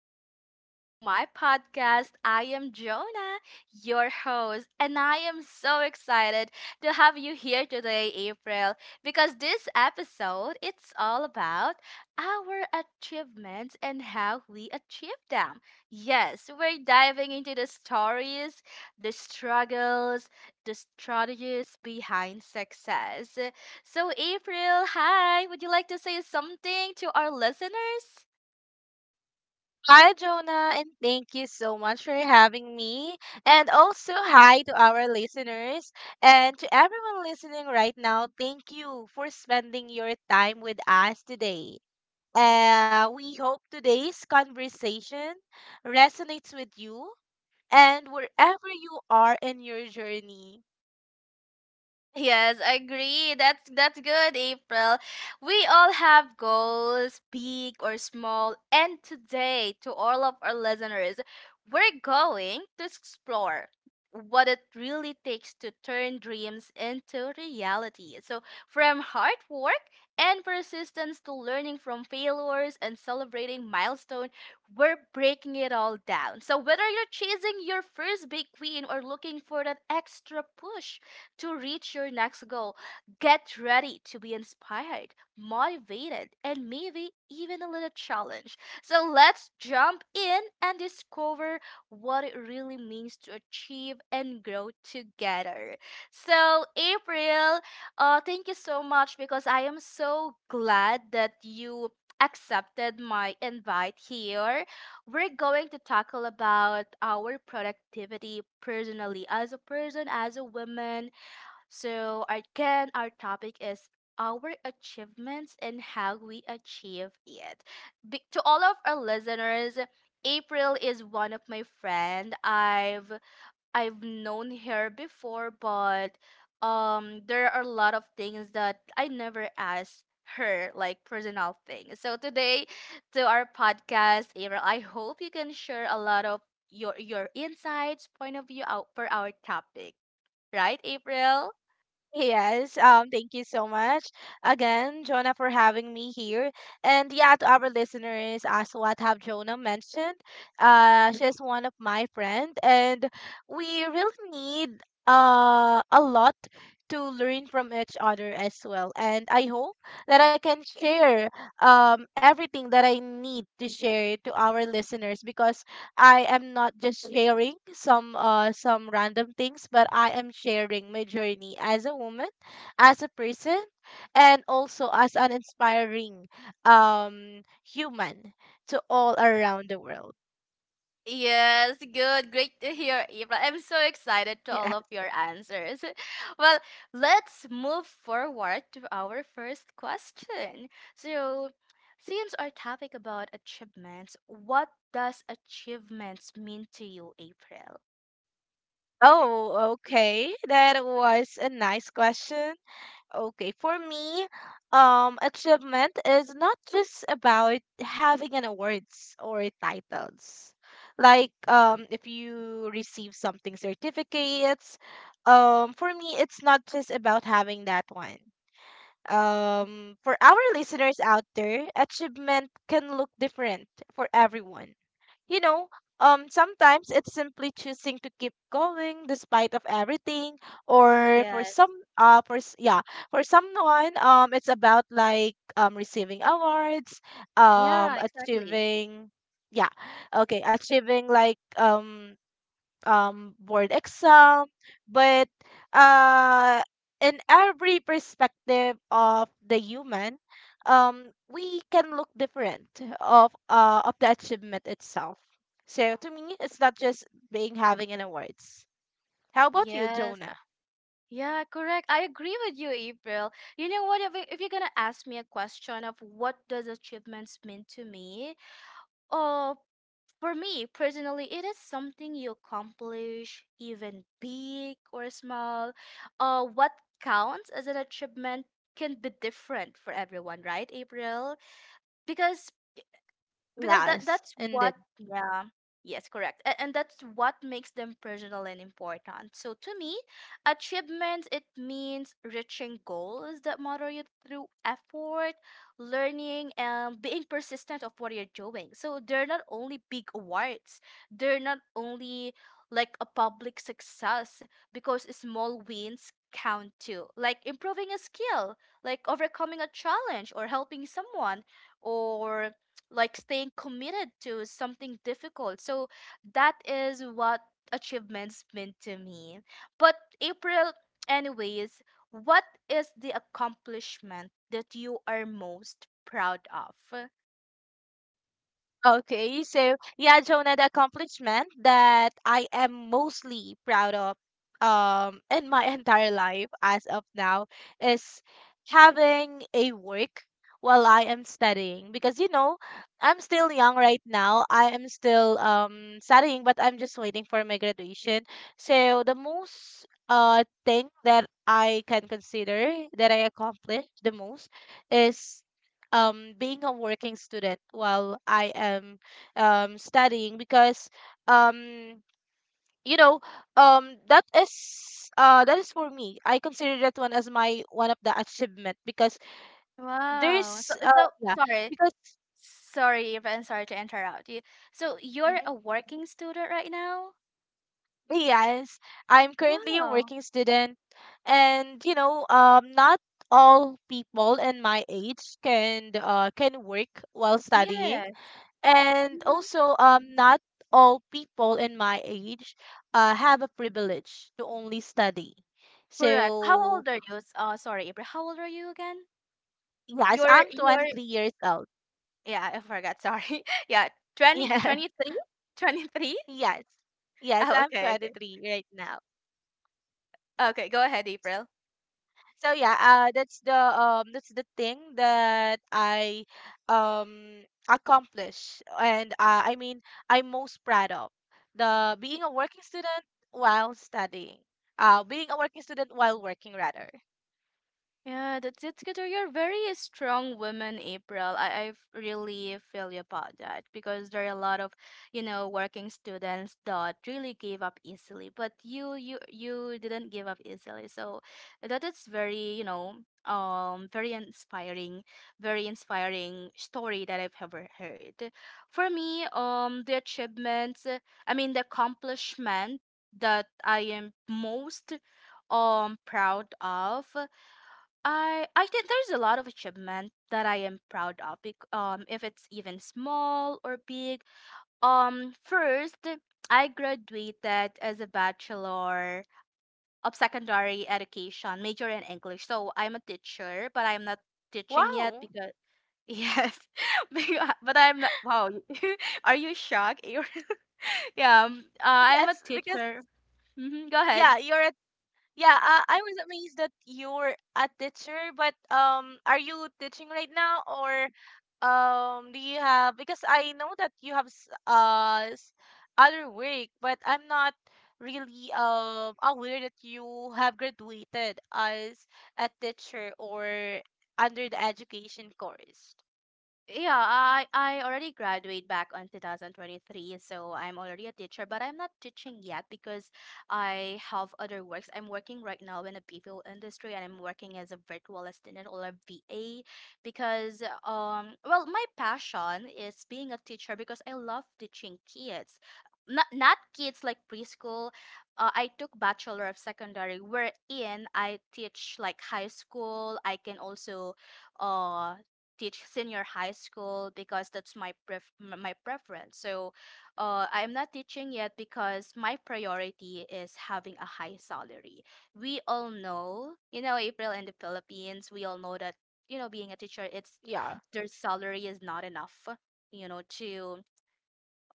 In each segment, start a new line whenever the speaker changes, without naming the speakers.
welcome to my podcast. I am Jonah, your host, and I am so excited to have you here today, April, because this episode it's all about our achievements and how we achieve them. Yes, we're diving into the stories, the struggles, the strategies behind success. So, April, hi. Would you like to say something to our listeners?
Hi, Jonah, and thank you so much for having me. And also, hi to our listeners. And to everyone listening right now, thank you for spending your time with us today. We hope today's conversation resonates with you and wherever you are in your journey.
Yes, I agree. That's good, April. We all have goals, big or small, and today to all of our listeners, we're going to explore what it really takes to turn dreams into reality. So, from hard work and persistence to learning from failures and celebrating milestone, we're breaking it all down. So, whether you're chasing your first big win or looking for that extra push, to reach your next goal. Get ready to be inspired, motivated, and maybe even a little challenged. So let's jump in and discover what it really means to achieve and grow together. So, April, thank you so much because I am so glad that you accepted my invite here. We're going to tackle about our productivity personally as a person, as a woman, so, again, our topic is our achievements and how we achieve it. To all of our listeners, April is one of my friend. I've known her before, but there are a lot of things that I never asked her, like personal things. So today, to our podcast, April, I hope you can share a lot of your insights, point of view out for our topic, right, April?
Yes, thank you so much again, Jonah, for having me here. And yeah, to our listeners, as what have Jonah mentioned, she's one of my friend, and we really need a lot to learn from each other as well. And I hope that I can share everything that I need to share to our listeners, because I am not just sharing some random things, but I am sharing my journey as a woman, as a person, and also as an inspiring human to all around the world.
Yes, good. Great to hear, Ibra. I'm so excited to
Yeah.
all of your answers. Well, let's move forward to our first question. So, since our topic about achievements, what does achievements mean to you, April?
Oh, okay. That was a nice question. Okay, for me, achievement is not just about having an awards or titles. Like, if you receive something certificates, for me, it's not just about having that one. For our listeners out there, achievement can look different for everyone. You know, sometimes it's simply choosing to keep going despite of everything, or for
Yes.
some, for s- yeah, for someone, it's about like receiving awards,
Yeah, exactly.
achieving, yeah, okay, achieving like board exam. But uh, in every perspective of the human, we can look different of the achievement itself.
Yeah.
So to me, it's not just being having an awards. How about you,
Yes.
Jonah?
Yeah, correct. I agree with you, April. You know what? If you're gonna ask me a question of what does achievements mean to me, oh. For me personally, it is something you accomplish, even big or small. What counts as an achievement can be different for everyone, right, April? Because that
Yes,
that's
indeed.
what, yeah, yes, correct, and that's what makes them personal and important. So to me achievements it means reaching goals that matter you through effort, learning and being persistent of what you're doing. So they're not only big awards, they're not only like a public success, because small wins count too, like improving a skill, like overcoming a challenge or helping someone, or like staying committed to something difficult. So that is what achievements mean to me. But April, anyways, what is the accomplishment that you are most proud of?
Okay, so yeah, Jonah, the accomplishment that I am mostly proud of in my entire life as of now is having a work while I am studying, because I'm still young right now. I am still studying, but I'm just waiting for my graduation. So the most thing that I can consider that I accomplished the most is being a working student while I am studying, because um you know that is for me. I consider that one as my one of the achievement, because
Wow. So
there's
so
yeah,
sorry.
because.
Sorry, if I'm sorry to interrupt you. So
Mhm.
you're a working student right now?
Yes, I'm currently a
Wow.
working student. And not all people in my age can work while studying.
Yes.
And
Mhm.
also not all people in my age have a privilege to only study.
Correct. How
So
old are you? Sorry, April. How old are you again?
yes,
You're
I'm
you're
23 years old.
Yeah, I forgot. Sorry. Yeah, 20,
Yeah,
23?
yes, yes,
Oh,
I'm
okay, okay.
23 right now.
Okay, go ahead, April.
So yeah, that's the thing that I um accomplish, and I mean, I'm most proud of the being a working student while studying, being a working student while working rather.
Yeah, that's, it's good. You're very strong woman, April. I really feel you about that because there are a lot of, you know, working students that really give up easily. But you didn't give up easily. So that is very, you know, um very inspiring, very inspiring story that I've ever heard. For me, the achievements, I mean the accomplishment that I am most proud of, I think there's a lot of achievement that I am proud of, um, if it's even small or big. First, I graduated as a bachelor of secondary education, major in English. So I'm a teacher, but I'm not teaching yet
Wow.
because yes, but I'm not. Wow, are you shocked? yeah, um, uh, I'm a
Yes, because
teacher. Hmm, go ahead.
yeah, you're at, yeah. I was amazed that you're a teacher, but are you teaching right now or um? Do you have, because I know that you have other work, but I'm not really aware that you have graduated as a teacher or under the education course.
Yeah, I already graduate back on 2023, so I'm already a teacher, but I'm not teaching yet because I have other works. I'm working right now in the BPO industry and I'm working as a virtual assistant or a VA because well, my passion is being a teacher because I love teaching kids. Not kids like preschool. I took Bachelor of Secondary wherein I teach like high school. I can also uh teach senior high school because that's my preference. So, I'm not teaching yet because my priority is having a high salary. We all know, you know, April, in the Philippines, we all know that, you know, being a teacher, it's,
Yeah.
their salary is not enough, you know, to,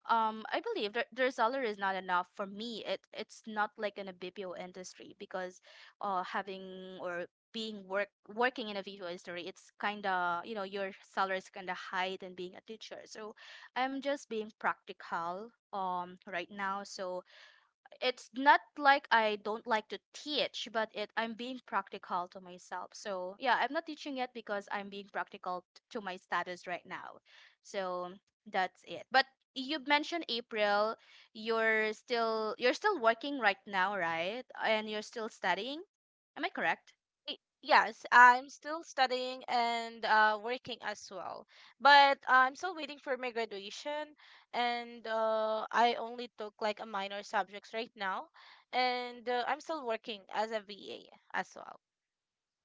I believe their salary is not enough for me. It, it's not like in a BPO industry because having or being work working in a BPO industry, it's kind of, you know, your salary is kind of high than being a teacher. So I'm just being practical right now. So it's not like I don't like to teach, but it, I'm being practical to myself. So yeah, I'm not teaching it because I'm being practical to my status right now. So that's it. But you mentioned, April, you're still working right now, right? And you're still studying. Am I correct?
Yes, I'm still studying and working as well. But I'm still waiting for my graduation, and I only took like a minor subjects right now, and I'm still working as a VA as well.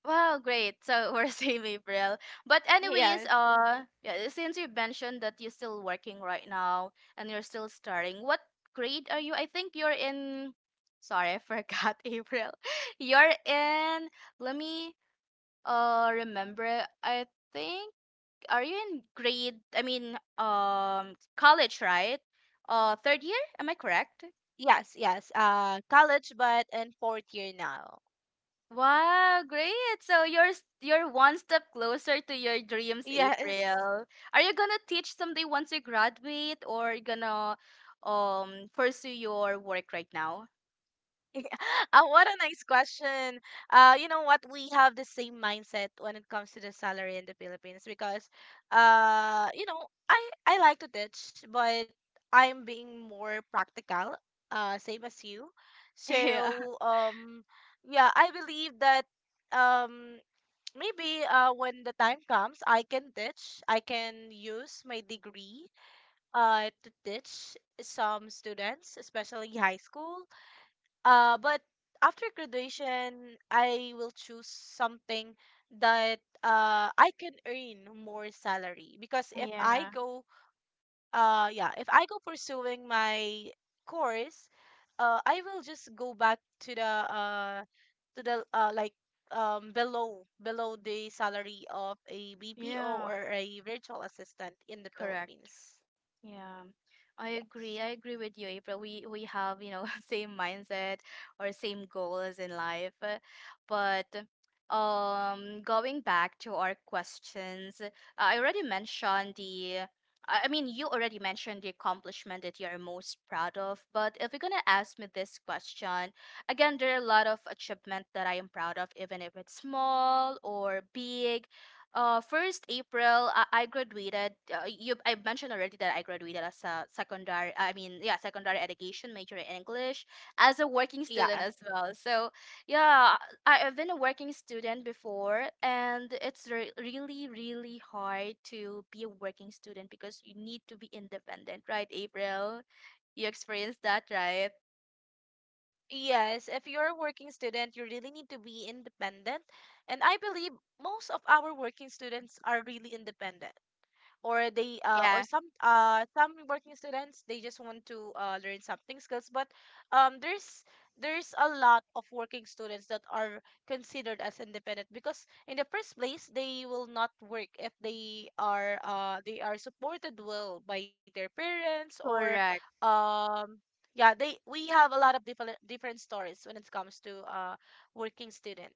Wow, great. So we're same, April. But anyways,
Yes,
yeah, since you mentioned that you're still working right now and you're still starting, what grade are you? I think you're in, sorry, I forgot, April. You're in, let me remember. I think, are you in grade I mean college, right? Uh, third year? Am I correct?
yes, yes. College, but in fourth year now.
Wow, great. So you're one step closer to your dreams,
Yes.
April. Are you gonna teach someday once you graduate or you gonna pursue your work right now?
What a nice question. You know what? We have the same mindset when it comes to the salary in the Philippines, because, uh, you know, I I like to teach, but I'm being more practical. Same as you.
Yeah.
So, yeah, I believe that, um. Maybe when the time comes, I can teach. I can use my degree to teach some students, especially high school, but after graduation, I will choose something that I can earn more salary, because if
Yeah.
I go yeah, if I go pursuing my course, I will just go back to the uh to the like below the salary of a BPO
Yeah.
or a virtual assistant in the
Correct.
Philippines.
Yeah, I
Yes.
agree. I agree with you, April. We have, you know, same mindset or same goals in life. Uh, but going back to our questions, I already mentioned the, I mean, you already mentioned the accomplishment that you're most proud of, but if you're gonna ask me this question, again, there are a lot of achievement that I am proud of, even if it's small or big. First April, I graduated. You, I mentioned already that I graduated as a secondary. I mean, yeah, secondary education major in English as a working
Yeah.
student as well. So, yeah, I have been a working student before, and it's really, really hard to be a working student because you need to be independent, right? April, you experienced that, right?
Yes, if you're a working student, you really need to be independent. And I believe most of our working students are really independent, or they uh or
Yeah,
some uh some working students, they just want to learn something skills. But um there's there's a lot of working students that are considered as independent, because in the first place they will not work if they are supported well by their parents, or
correct.
um yeah, they we have a lot of different stories when it comes to working student.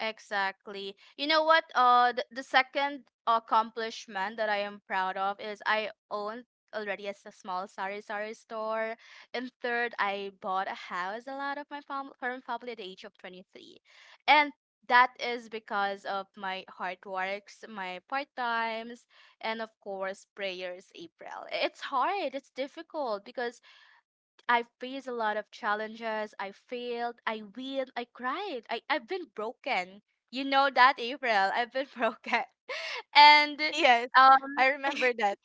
Exactly. You know what? The second accomplishment that I am proud of is I own already a small sari sari store. And third, I bought a house a lot of from family at the age of 23. And that is because of my hard works, my part times, and of course, prayers, April. It's hard, it's difficult because I faced a lot of challenges. I failed. I wheeled. I cried. I've been broken. You know that, April. I've been broken. And
Yes,
um,
I remember that.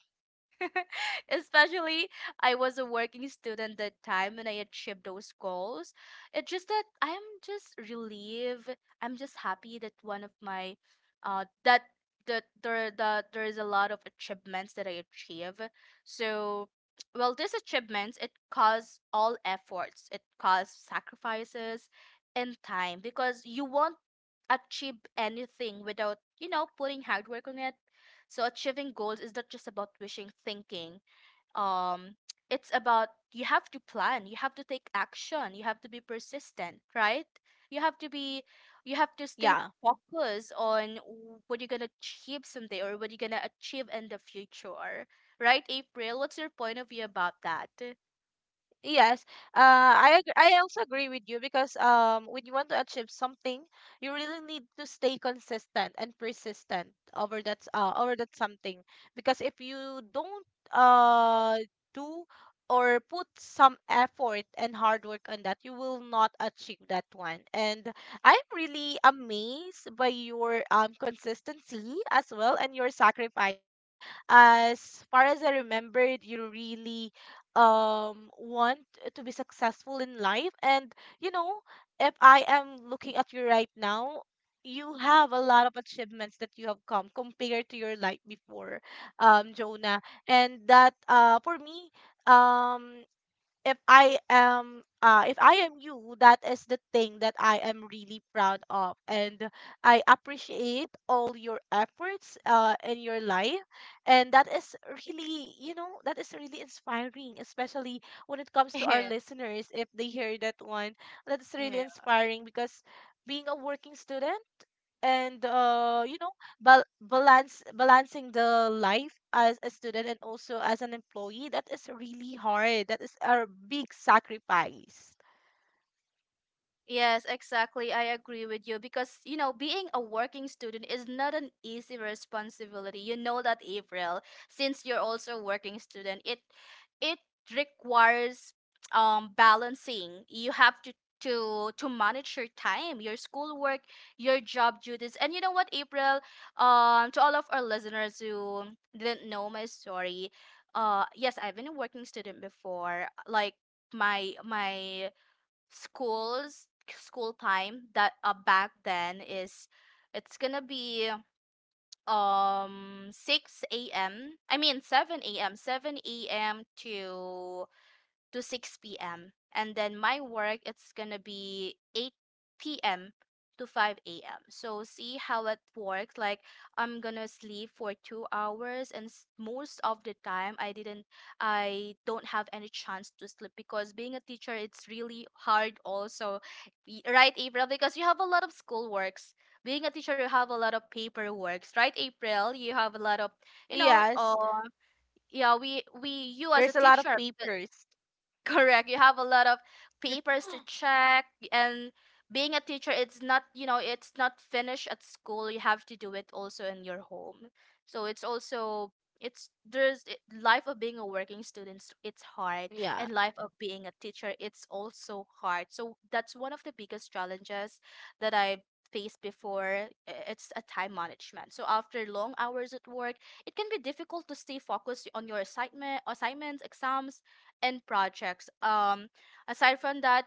especially, I was a working student that time when I achieved those goals. It's just that I'm just relieved. I'm just happy that one of my, uh, that that there is a lot of achievements that I achieve. So, well, these achievements it caused all efforts. It caused sacrifices and time because you won't achieve anything without, you know, putting hard work on it. So achieving goals is not just about wishing, thinking. Um, it's about you have to plan, you have to take action, you have to be persistent, right? You have to be, you have to stay
Yeah.
focused on what you're gonna achieve someday or what you're gonna achieve in the future, right? April, what's your point of view about that?
Yes, uh, I also agree with you, because when you want to achieve something, you really need to stay consistent and persistent over that something. Because if you don't uh do or put some effort and hard work on that, you will not achieve that one. And I'm really amazed by your consistency as well, and your sacrifices. As far as I remembered, you really want to be successful in life. And you know if I am looking at you right now, you have a lot of achievements that you have come compared to your life before, Jonah. And that, for me, um if I am you, that is the thing that I am really proud of. And I appreciate all your efforts in your life. And that is really inspiring, especially when it comes to our
Yeah.
listeners. If they hear that one, that's really
Yeah.
inspiring, because being a working student, and you know bal- balance balancing the life as a student and also as an employee, that is really hard. That is a big sacrifice.
Yes, exactly. I agree with you because, you know, being a working student is not an easy responsibility. You know that, April, since you're also a working student, it requires balancing. You have to manage your time, your schoolwork, your job duties. And you know what, April, to all of our listeners who didn't know my story, yes, I've been a working student before. Like my school time that back then is, it's gonna be 6 a.m I mean 7 a.m, to 6 p.m. And then my work, it's going to be 8 p.m. to 5 a.m. So see how it works. Like I'm going to sleep for 2 hours and most of the time I didn't, I don't have any chance to sleep because being a teacher, it's really hard also. Right, April? Because you have a lot of school works. Being a teacher, you have a lot of paperworks, right, April? You have a lot of, you know, uh,
Yes,
yeah, we you
there's
as
a
a
lot of
teacher,
papers.
correct. You have a lot of papers to check, and being a teacher, it's not, you know, it's not finished at school. You have to do it also in your home. So it's also life of being a working student, so it's hard,
Yeah,
and life of being a teacher, it's also hard. So that's one of the biggest challenges that I faced before it's a time management. So after long hours at work, it can be difficult to stay focused on your assignments, exams and projects. Aside from that,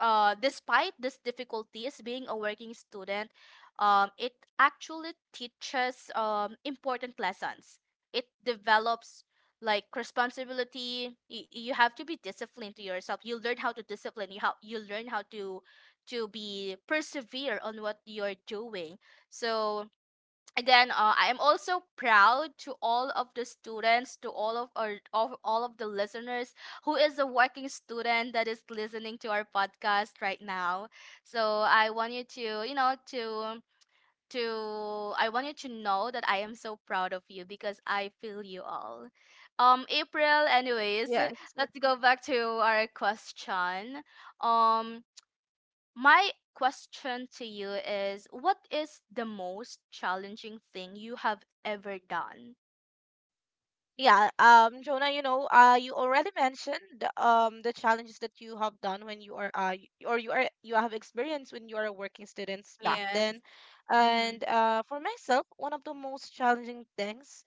despite these difficulties, being a working student, it actually teaches important lessons. It develops like responsibility. You have to be disciplined to yourself. You learn how to discipline. You learn how to be persevere on what you're doing. So again, I am also proud to all of the students, to all of our of all of the listeners who is a working student that is listening to our podcast right now. So I want you to you know to I want you to know that I am so proud of you because I feel you all. April, anyways,
yeah.
let's go back to our question. um my question to you is, what is the most challenging thing you have ever done?
Yeah, Jonah, you already mentioned the challenges that you have done when you are y- or you are you have experienced when you are working students back
Yes.
then.
Mhm.
And for myself, one of the most challenging things,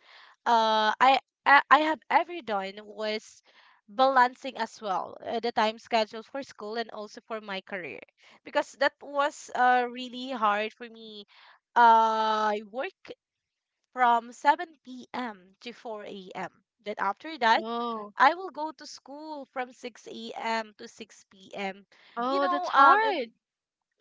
uh, I I have ever done was balancing as well, the time schedule for school and also for my career, because that was really hard for me. I work from 7 p.m. to 4 a.m. Then after that,
Oh.
I will go to school from 6 a.m. to 6 p.m. You
Oh, that's
know, um, and
hard.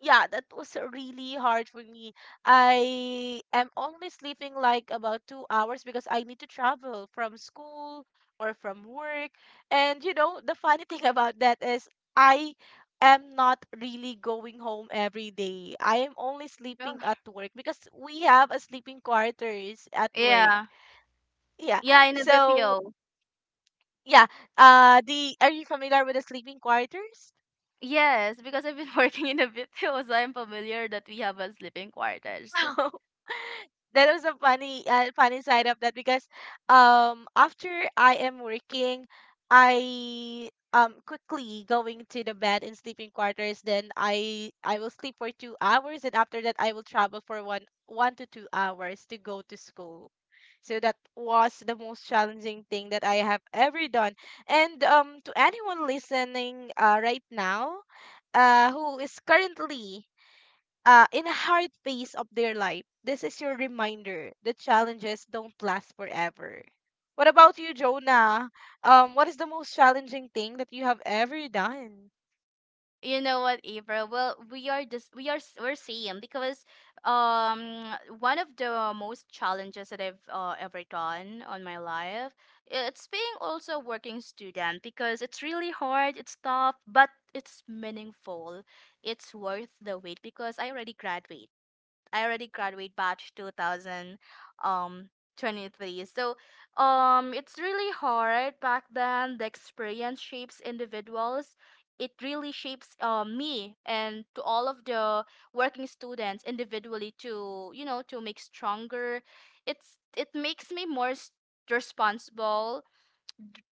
yeah, that was really hard for me. I am only sleeping like about 2 hours, because I need to travel from school or from work. And the funny thing about that is I am not really going home every day. I am only sleeping
Oh.
at work, because we have a sleeping quarters at work.
Yeah.
Yeah.
Yeah, in a
So
BPO.
yeah. The are you familiar with the sleeping quarters?
Yes, because I've been working in a BPO, so I'm familiar that we have a sleeping quarters.
That was a funny, funny side of that, because after I am working, I quickly going to the bed in sleeping quarters, then I will sleep for 2 hours. And after that, I will travel for one 1 to 2 hours to go to school. So that was the most challenging thing that I have ever done. And to anyone listening right now, who is currently in a hard phase of their life, this is your reminder that challenges don't last forever. What about you, Jonah? What is the most challenging thing that you have ever done?
You know what, April? Well, we are just we're same because one of the most challenges that I've ever done on my life, it's being also a working student because it's really hard, it's tough, but it's meaningful. It's worth the wait because I already graduate batch 2000 um 23. So it's really hard back then. The experience shapes individuals. It really shapes me and to all of the working students individually to you know to make stronger. It makes me more responsible,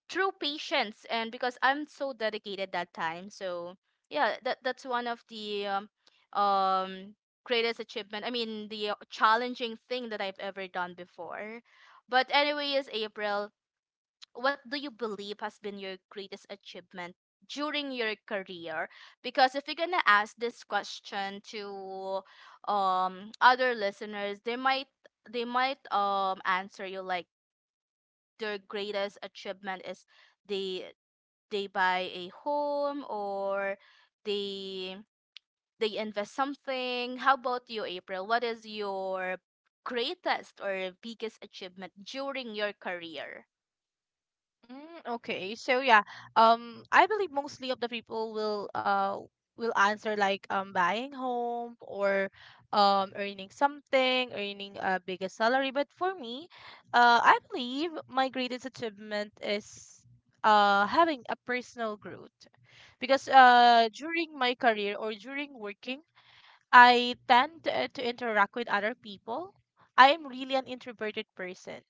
true patience, and because I'm so dedicated that time. So yeah, that's one of the um greatest achievement. I mean, the challenging thing that I've ever done before. But anyways, April, what do you believe has been your greatest achievement during your career? Because if you're gonna ask this question to other listeners, they might answer you like their greatest achievement is they they buy a home, or they they invest something. How about you, April? What is your greatest or biggest achievement during your career?
Mm, okay. So yeah, I believe mostly of the people will answer like buying home or earning something, earning a bigger salary. But for me, I believe my greatest achievement is having a personal growth, because during my career or during working, I tend to interact with other people. I am really an introverted person,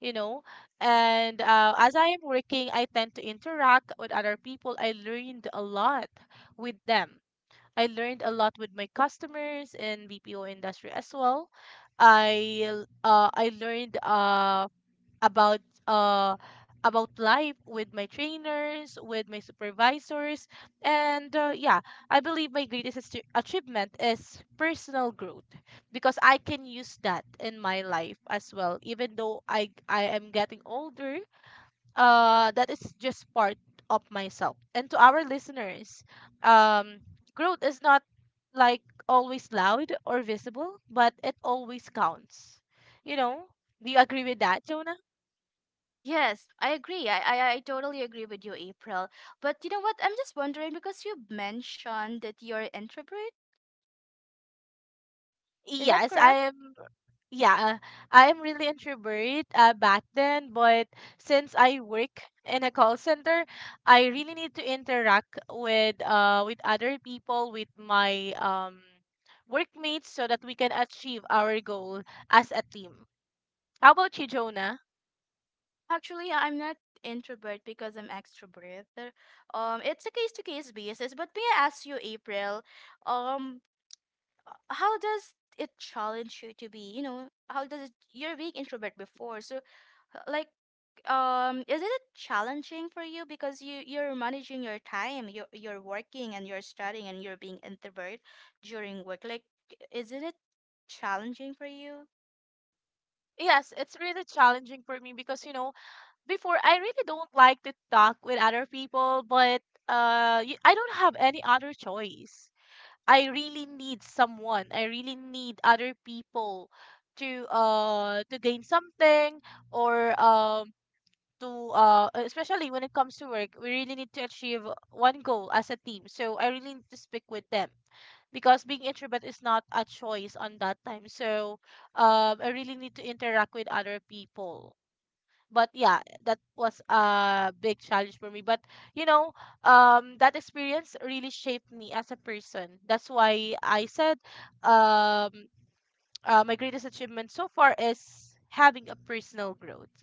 you know and as I am working, I tend to interact with other people. I learned a lot with them. I learned a lot with my customers in BPO industry as well. I learned about uh about life with my trainers, with my supervisors. And yeah, I believe my greatest achievement is personal growth, because I can use that in my life as well. Even though I am getting older, that is just part of myself. And to our listeners, um, growth is not like always loud or visible, but it always counts. You know, do you agree with that, Jonah?
Yes, I agree. I totally agree with you, April. But you know what? I'm just wondering because you mentioned that you're introvert. Is that
Yes,
correct?
I'm yeah, I'm really introvert back then, but since I work in a call center, I really need to interact with other people, with my workmates, so that we can achieve our goal as a team. How about you, Jonah?
Actually, yeah, I'm not introvert because I'm extrovert. It's a case to case basis. But may I ask you, April? Um, how does it challenge you to be you know how does it you're being introvert before, so h- like is it challenging for you because you're managing your time, you're working and you're studying and you're being introvert during work, like isn't it challenging for you?
Yes, it's really challenging for me because you know, before I really don't like to talk with other people, but I don't have any other choice. I really need someone. I really need other people to gain something or to especially when it comes to work, we really need to achieve one goal as a team. So I really need to speak with them because being introvert is not a choice on that time. So I really need to interact with other people, but yeah, that was a big challenge for me. But you know that experience really shaped me as a person. That's why I said, um my greatest achievement so far is having a personal growth.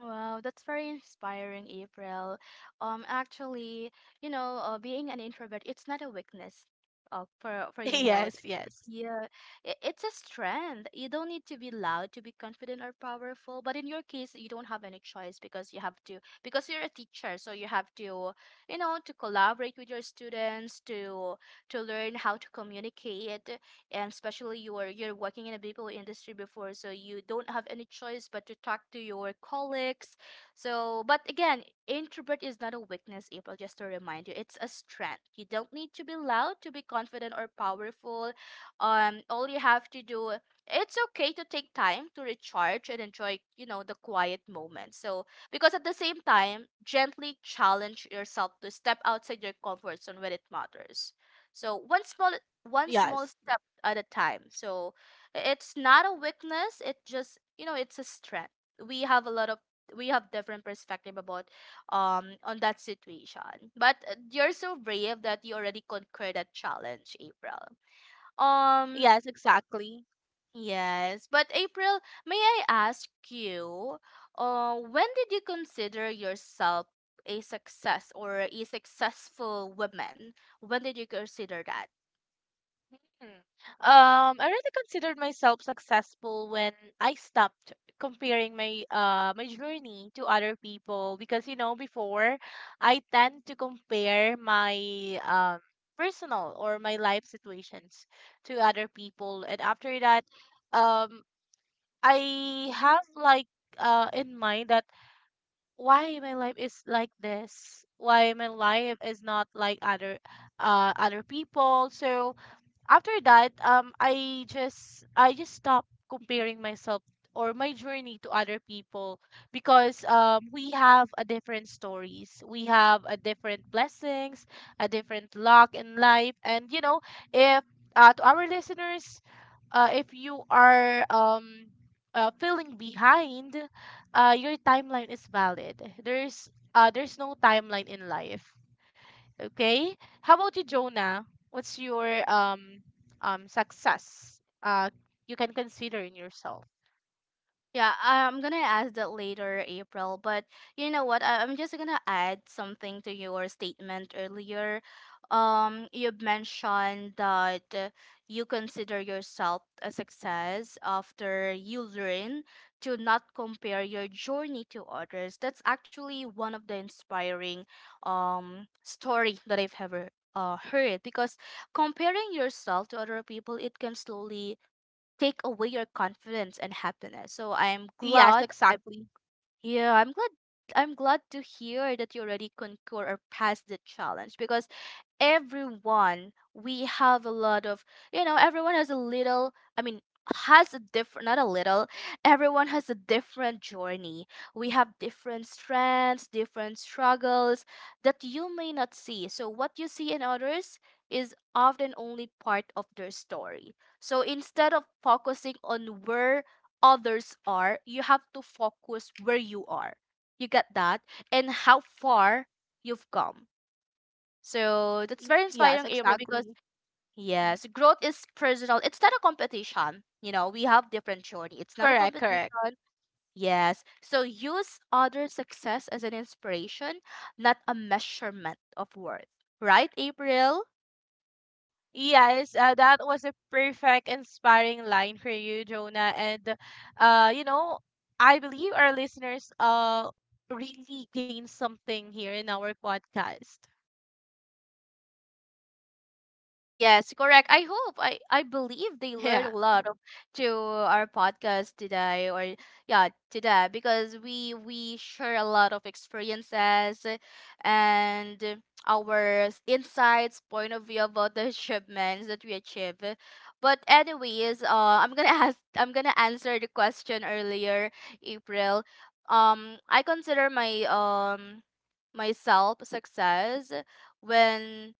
Wow, that's very inspiring, April. Actually, being an introvert, it's not a weakness, for you know, so-
Yes, yes,
yeah, it's a strength. You don't need to be loud to be confident or powerful, but in your case, you don't have any choice because you have to, because you're a teacher, so you have to, you know, to collaborate with your students, to learn how to communicate, and especially you're working in a people industry before, so you don't have any choice but to talk to your colleagues. So but again, introvert is not a weakness, April, just to remind you, it's a strength. You don't need to be loud to be confident or powerful. All you have to do, it's okay to take time to recharge and enjoy you know the quiet moments. So because at the same time, gently challenge yourself to step outside your comfort zone when it matters. So one small
yes,
step at a time. So it's not a weakness. It just you know it's a strength. We have a lot of we have different perspective about on that situation. But you're so brave that you already conquered that challenge, April. Um.
yes, exactly.
Yes, but April, may I ask you, when did you consider yourself a success or a successful woman? When did you consider that?
Hmm. I really considered myself successful when I stopped comparing my journey to other people, because before I tend to compare my um personal or my life situations to other people. And after that, um I have like in mind that why my life is like this, why my life is not like other people. So after that, I just stopped comparing myself or my journey to other people, because we have a different stories, we have a different blessings, a different luck in life. And you know, if to our listeners, if you are feeling behind, your timeline is valid. There's no timeline in life. Okay. How about you, Jonah? What's your success you can consider in yourself?
Yeah, I'm gonna ask that later, April. But you know what? I'm just gonna add something to your statement earlier. You mentioned that you consider yourself a success after you learn to not compare your journey to others. That's actually one of the inspiring story that I've ever heard because comparing yourself to other people, it can slowly take away your confidence and happiness. So I am
Yes,
glad I
exactly.
yeah, I'm glad to hear that you already conquer or passed the challenge because everyone we have a lot of you know everyone has a little, I mean, has a different, not a little, everyone has a different journey. We have different strengths, different struggles that you may not see. So what you see in others is often only part of their story. So instead of focusing on where others are, you have to focus where you are. You get that? And how far you've come. So that's
Y-
very inspiring,
Yes,
April, because
exactly. Mhm.
yes, growth is personal. It's not a competition. You know, we have different journey. It's not a
Correct, correct.
competition. Yes. So use other success as an inspiration, not a measurement of worth. Right, April?
Yes, that was a perfect, inspiring line for you, Jonah. And uh, you know, I believe our listeners really gained something here in our podcast.
Yes, correct. I hope I believe they learned a
Yeah.
lot of to our podcast today or yeah, today, because we share a lot of experiences and our insights, point of view about the achievements that we achieve. But anyways, I'm going to ask I'm going to answer the question earlier, April. I consider my myself success when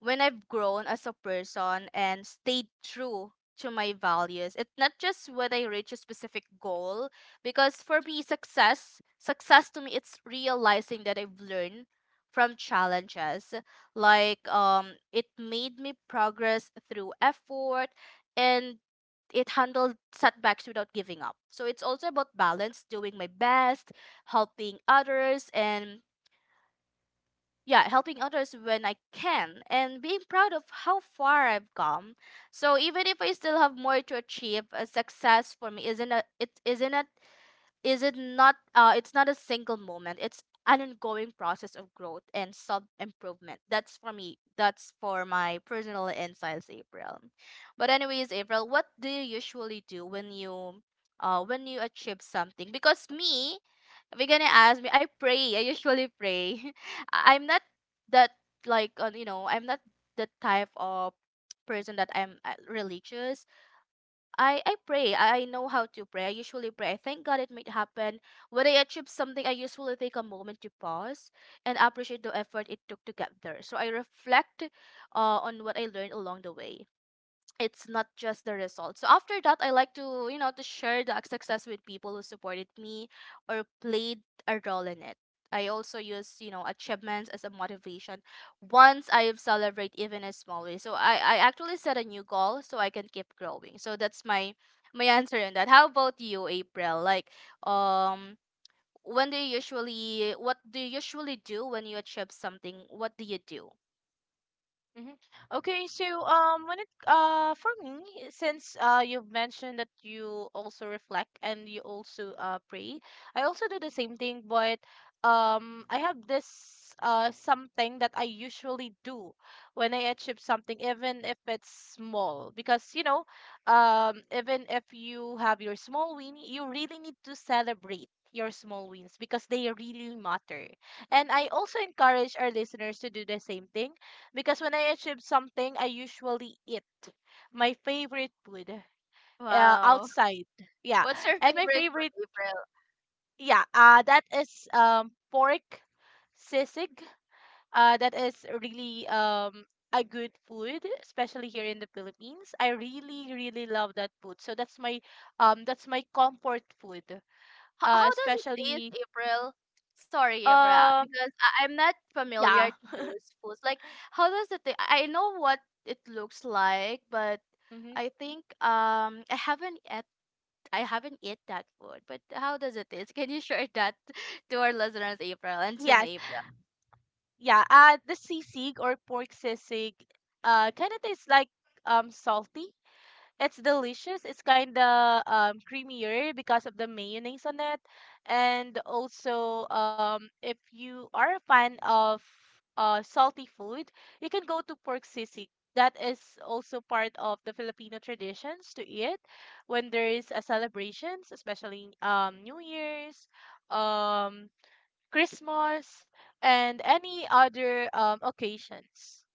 I've grown as a person and stayed true to my values. It's not just when I reach a specific goal, because for me, success to me, it's realizing that I've learned from challenges. Like, it made me progress through effort, and it handled setbacks without giving up. So it's also about balance, doing my best, helping others, and yeah, helping others when I can, and being proud of how far I've come. So even if I still have more to achieve, a success for me isn't a it isn't a is it not it's not a single moment. It's an ongoing process of growth and self improvement. That's for me, that's for my personal insights, April. But anyways, April, what do you usually do when you achieve something? Because me, if you're gonna ask me, I pray. I usually pray. I'm not that, like, you know, I'm not the type of person that I'm religious. I pray. I know how to pray. I usually pray. I thank God it might happen. When I achieve something, I usually take a moment to pause and appreciate the effort it took to get there. So I reflect on what I learned along the way. It's not just the result. So after that, I like to, you know, to share the success with people who supported me or played a role in it. I also use, you know, achievements as a motivation once I celebrate even a small way. So I actually set a new goal so I can keep growing. So that's my answer on that. How about you, April? Like, um when do you usually what do you usually do when you achieve something? What do you do?
Hmm. Okay, so when it for me, since you've mentioned that you also reflect and you also pray, I also do the same thing. But I have this something that I usually do when I achieve something, even if it's small. Because even if you have your small win, you really need to celebrate your small wins because they really matter. And I also encourage our listeners to do the same thing, because when I achieve something, I usually eat my favorite food,
Wow.
outside. Yeah.
What's your
And my
favorite
favorite,
food?
yeah, that is pork sisig. That is really a good food, especially here in the Philippines. I really, really love that food. So that's my comfort food.
How does it taste,
Especially
April? Sorry, April,
um,
because I'm not familiar
yeah.
to those foods. Like, how does it taste? I know what it looks like, but
Mm-hmm.
I think I haven't eat that food. But how does it taste? Can you share that to our listeners, April, and to
Yes.
me, April?
Yeah, the sisig or pork sisig kind of tastes like salty. It's delicious. It's kind of creamier because of the mayonnaise on it. And also, if you are a fan of salty food, you can go to pork sisig. That is also part of the Filipino traditions to eat when there is a celebrations, especially New Year's, um Christmas, and any other occasions.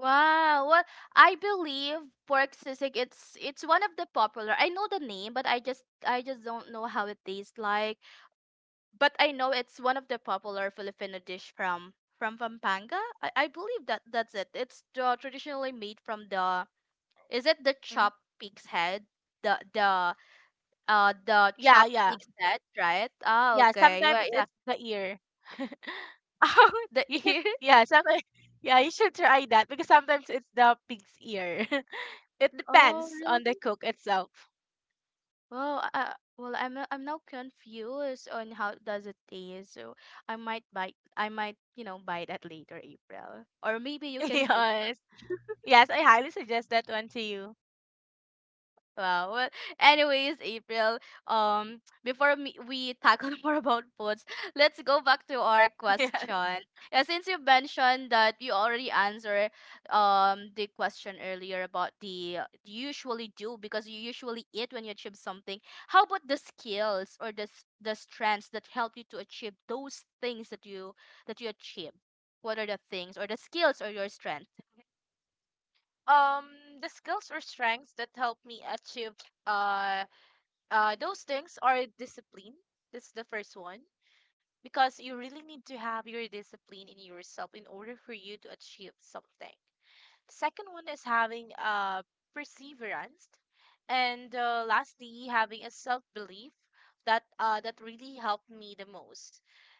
Wow. Well, I believe pork sisig, it's one of the popular. I know the name, but I just don't know how it tastes like. But I know it's one of the popular Filipino dish from Pampanga. I believe that that's it. It's the traditionally made from the is it the chopped
Hmm.
pig's head? The the the
Yeah,
chopped
yeah,
pig's head, right? Ah,
yeah.
okay. Well,
Sometimes
yeah.
it's the ear.
Oh, the
You should,
ear.
yeah, sometimes, yeah, you should try that, because sometimes it's the pig's ear. It
Oh,
depends
really?
on the cook itself.
Well, I'm no- I'm now confused on how does it taste. So I might buy that later, April, or maybe you can cook.
Yes, yes, I highly suggest that one to you.
Wow. Well, anyways, April, we tackle more about foods, let's go back to our
Yeah.
question. Yeah, since you mentioned that you already answered the question earlier about the you usually do because you usually eat when you achieve something. How about the skills or the strengths that help you to achieve those things that you achieve? What are the things or the skills or your strengths?
Um, the skills or strengths that help me achieve uh those things are discipline. That's the first one, because you really need to have your discipline in yourself in order for you to achieve something. Second one is having, perseverance, and, lastly, having a self belief that really helped me the most.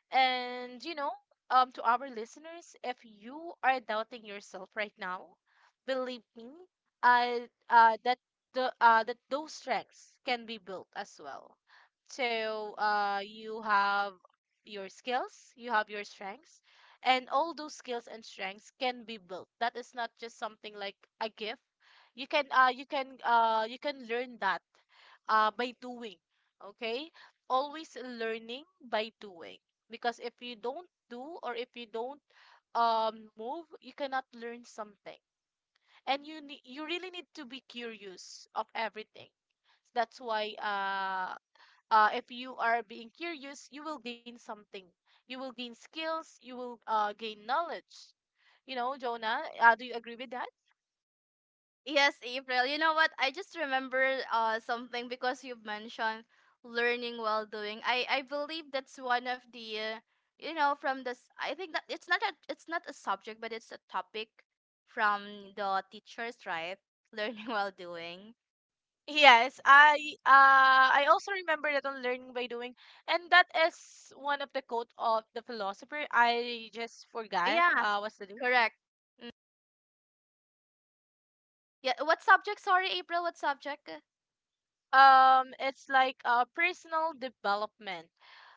And to our listeners, if you are doubting yourself right now, believe me, uh, uh, that that those strengths can be built as well. So, you have your skills, you have your strengths, and all those skills and strengths can be built. That is not just something like a gift. You can learn that by doing. Okay. Always learning by doing, because if you don't do, or if you don't move, you cannot learn something. And you really need to be curious of everything. That's why, if you are being curious, you will gain something. You will gain skills. You will, gain knowledge. You know, Jonah, do you agree with that?
Yes, April. You know what? I just remember something because you mentioned learning while doing. I believe that's one of the you know, from this I think that it's not a, it's not a subject, but it's a topic from the teachers, right? Learning while doing.
Yes, I also remember that on learning by doing, and that is one of the quote of the philosopher. I just forgot
Yeah,
what's the name.
correct. Yeah, what subject? Sorry, April, what subject?
It's like personal development.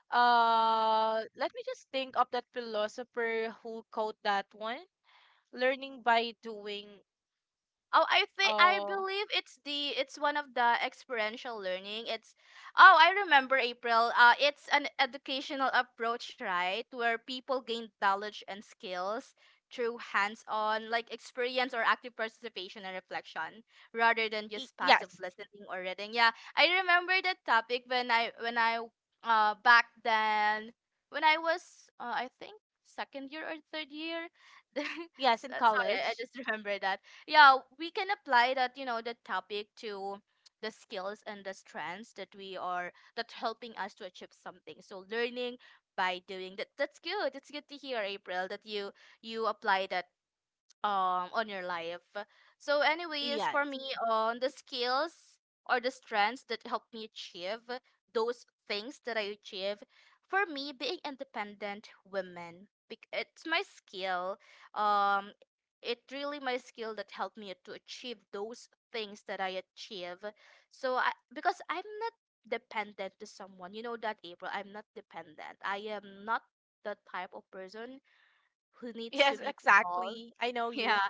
Let me just think of that philosopher who quote that one. Learning by doing.
Oh, I think I
Uh,
believe it's the, it's one of the experiential learning. It's, oh, I remember, April. It's an educational approach, right, where people gain knowledge and skills through hands-on, like experience or active participation and reflection, rather than just passive
Yes,
listening or reading. Yeah, I remember that topic when I back then, when I was I think second year or third year.
yes, in
Sorry, I
college.
just remember that. Yeah, we can apply that, you know, the topic to the skills and the strengths that we are that helping us to achieve something. So learning by doing, that's good. It's good to hear, April, that you apply that on your life. So anyways, for
Yes.
me, on the skills or the strengths that helped me achieve those things that I achieve, for me being independent women, it's my skill. Um it really my skill that helped me to achieve those things that I achieve. So I because I'm not dependent to someone. You know that, April, I'm not dependent. I am not the type of person who needs to
Yes,
be tall.
exactly, I know
Yeah.
you.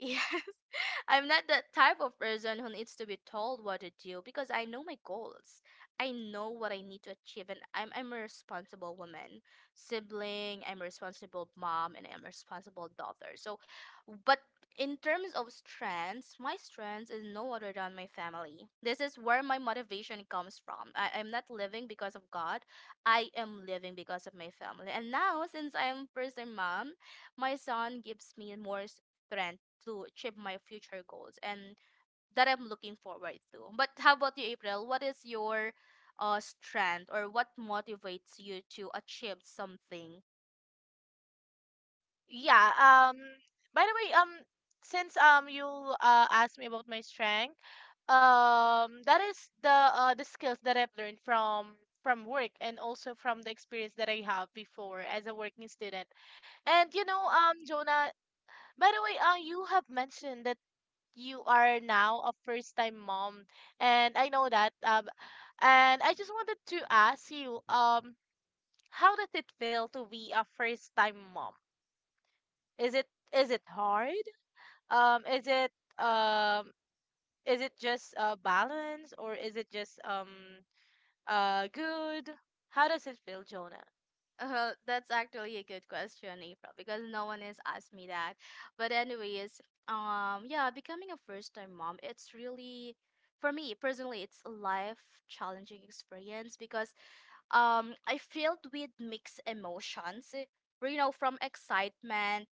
Yes. I'm not that type of person who needs to be told what to do because I know my goals. I know what I need to achieve, and I'm a responsible woman, sibling, I'm a responsible mom, and I'm a responsible daughter. So, but in terms of strengths, my strengths is no other than my family. This is where my motivation comes from. I'm not living because of God, I am living because of my family. And now, since I'm first time mom, my son gives me more strength to achieve my future goals and that I'm looking forward to. But how about you, April? What is your strength or what motivates you to achieve something?
Yeah. By the way, since you asked me about my strength, that is the the skills that I've learned from work, and also from the experience that I have before as a working student. And you know, Jonah, by the way, you have mentioned that you are now a first time mom, and I know that, and I just wanted to ask you, how does it feel to be a first time mom? Is it is it hard? Um is it um is it just balance, or is it just good? How does it feel, Jonah?
That's actually a good question, April, because no one has asked me that. But anyways, yeah, becoming a first-time mom, it's really, for me personally, it's a life-challenging experience because I filled with mixed emotions. You know,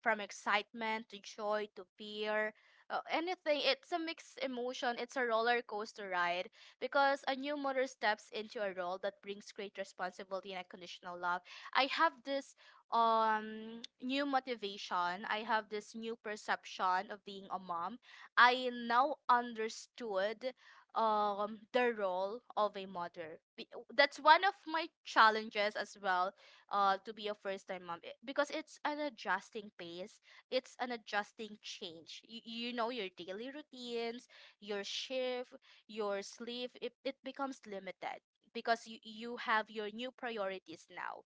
from excitement to joy to fear, anything, it's a mixed emotion, it's a roller coaster ride because a new mother steps into a role that brings great responsibility and unconditional love. I have this new motivation. I have this new perception of being a mom. I now understood the role of a mother. That's one of my challenges as well, to be a first time mom. Because it's an adjusting pace, it's an adjusting change. You know, your daily routines, your shift, your sleep, it becomes limited because you have your new priorities now.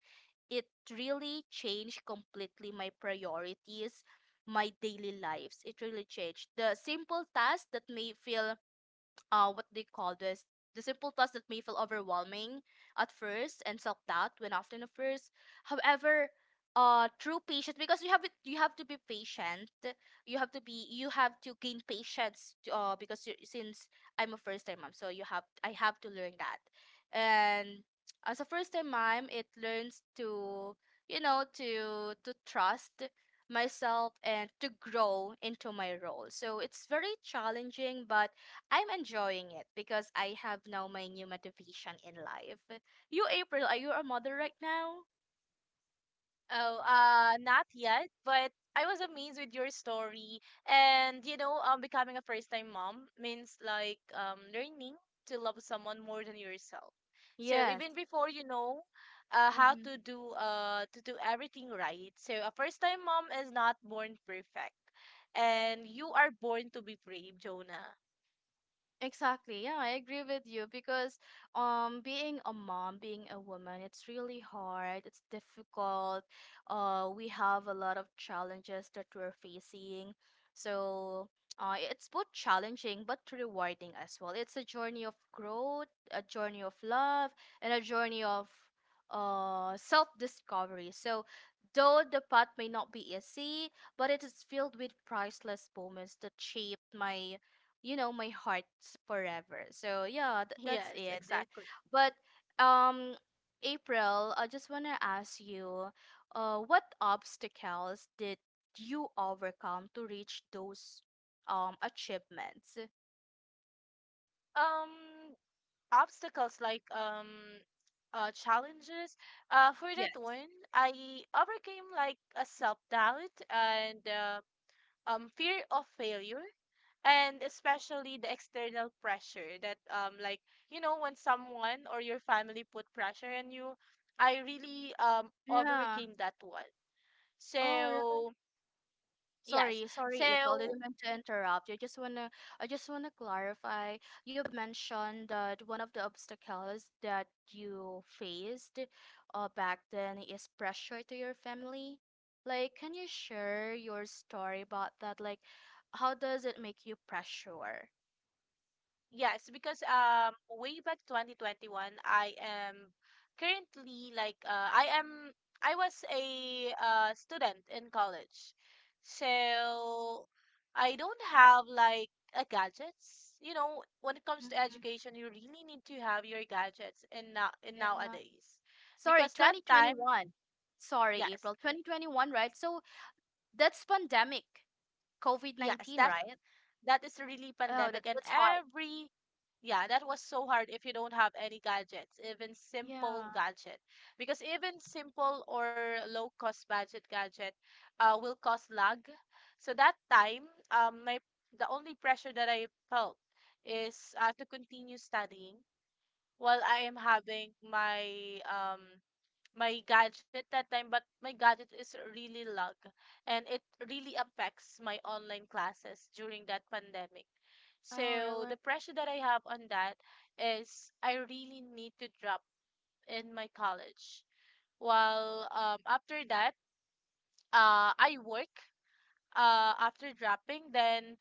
It really changed completely my priorities, my daily lives. It really changed the simple tasks that may feel, what they call this the simple tasks that may feel overwhelming at first, and self-doubt when often at first. However, true patience, because you have to be patient. You have to gain patience because since I'm a first time mom, so you have I have to learn that. And as a first time mom, it learns to, you know, to trust myself and to grow into my role. So it's very challenging, but I'm enjoying it because I have now my new motivation in life. You, April, are you a mother right now?
Oh, not yet, but I was amazed with your story. And becoming a first-time mom means like learning to love someone more than yourself. So
Yes.
even before how
Hmm.
to do everything right. So a first-time mom is not born perfect. And you are born to be brave, Jonah.
Exactly. Yeah, I agree with you because being a mom, being a woman, it's really hard. It's difficult. Uh, we have a lot of challenges that we're facing. So it's both challenging but rewarding as well. It's a journey of growth, a journey of love, and a journey of self-discovery. So though the path may not be easy, but it is filled with priceless moments that shaped my, you know, my heart's forever. So yeah, that's
Yes,
it.
exactly.
But um, April, I just want to ask you, uh, what obstacles did you overcome to reach those achievements?
Um, Obstacles like challenges. For that
Yes.
one, I overcame like a self doubt and, fear of failure, and especially the external pressure that like when someone or your family put pressure on you, I really overcame
Yeah.
that one.
Oh,
So
really?
yes,
Sorry, sorry, April.
so
Didn't mean to interrupt. I just wanna clarify. You've mentioned that one of the obstacles that you faced, back then is pressure to your family. Like, can you share your story about that? Like, how does it make you pressure?
yes, because way back 2021, I am currently like, I was a, student in college. So I don't have like a gadgets. You know, when it comes to
Mhm.
education, you really need to have your gadgets in
Yeah.
nowadays.
Sorry,
Because that time,
2021. Sorry,
yes,
April. 2021, right? So that's pandemic,
yes,
COVID-19,
that
right?
That is really
Oh, that,
pandemic and
that's hard.
every... yeah, that was so hard if you don't have any gadgets, even simple
Yeah.
gadget. Because even simple or low cost budget gadget will cause lag. So that time, my the only pressure that I felt is, to continue studying while I am having my gadget that time. But my gadget is really lag, and it really affects my online classes during that pandemic.
Oh,
So the
really?
pressure that I have on that is I really need to drop in my college. While after that, I work, after dropping, then,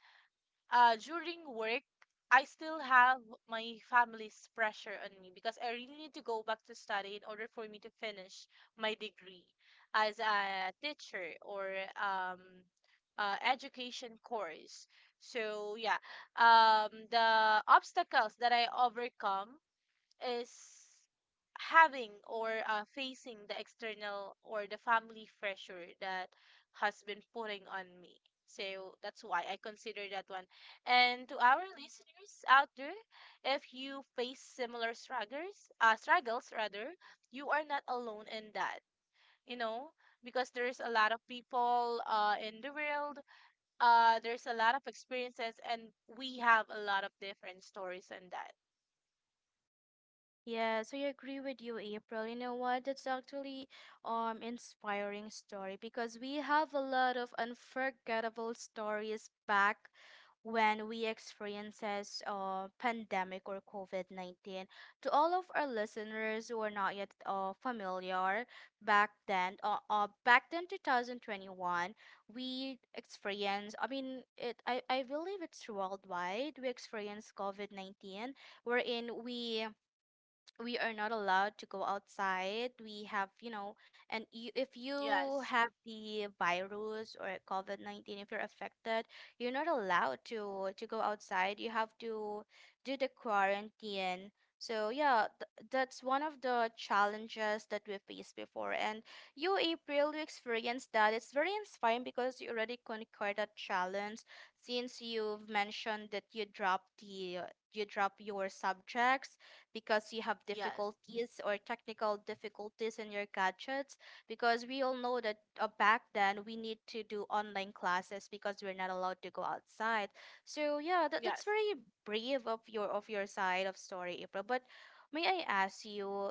during work, I still have my family's pressure on me, because I really need to go back to study in order for me to finish my degree as a teacher, or education course. So yeah, the obstacles that I overcome is having, or facing the external or the family pressure that has been putting on me. So that's why I consider that one. And to our listeners out there, if you face similar struggles, struggles rather, you are not alone in that. You know, because there's a lot of people in the world, there's a lot of experiences, and we have a lot of different stories on that.
Yeah, so I agree with you, April. You know what? That's actually inspiring story because we have a lot of unforgettable stories back when we experiences pandemic or COVID-19. To all of our listeners who are not yet familiar back then 2021, we experienced, I mean, it, I believe it's worldwide. We experienced COVID-19 wherein we are not allowed to go outside. We have, you know, and you, if you
Yes,
have the virus or COVID-19, if you're affected, you're not allowed to go outside. You have to do the quarantine. So yeah, that's one of the challenges that we faced before. And you, April, you experienced that. It's very inspiring because you already conquered that challenge, since you've mentioned that you drop your subjects because you have
yes.
difficulties or technical difficulties in your gadgets, because we all know that back then we need to do online classes because we're not allowed to go outside. So yeah, that's
Yes.
very brave of your side of story, April. But may I ask you,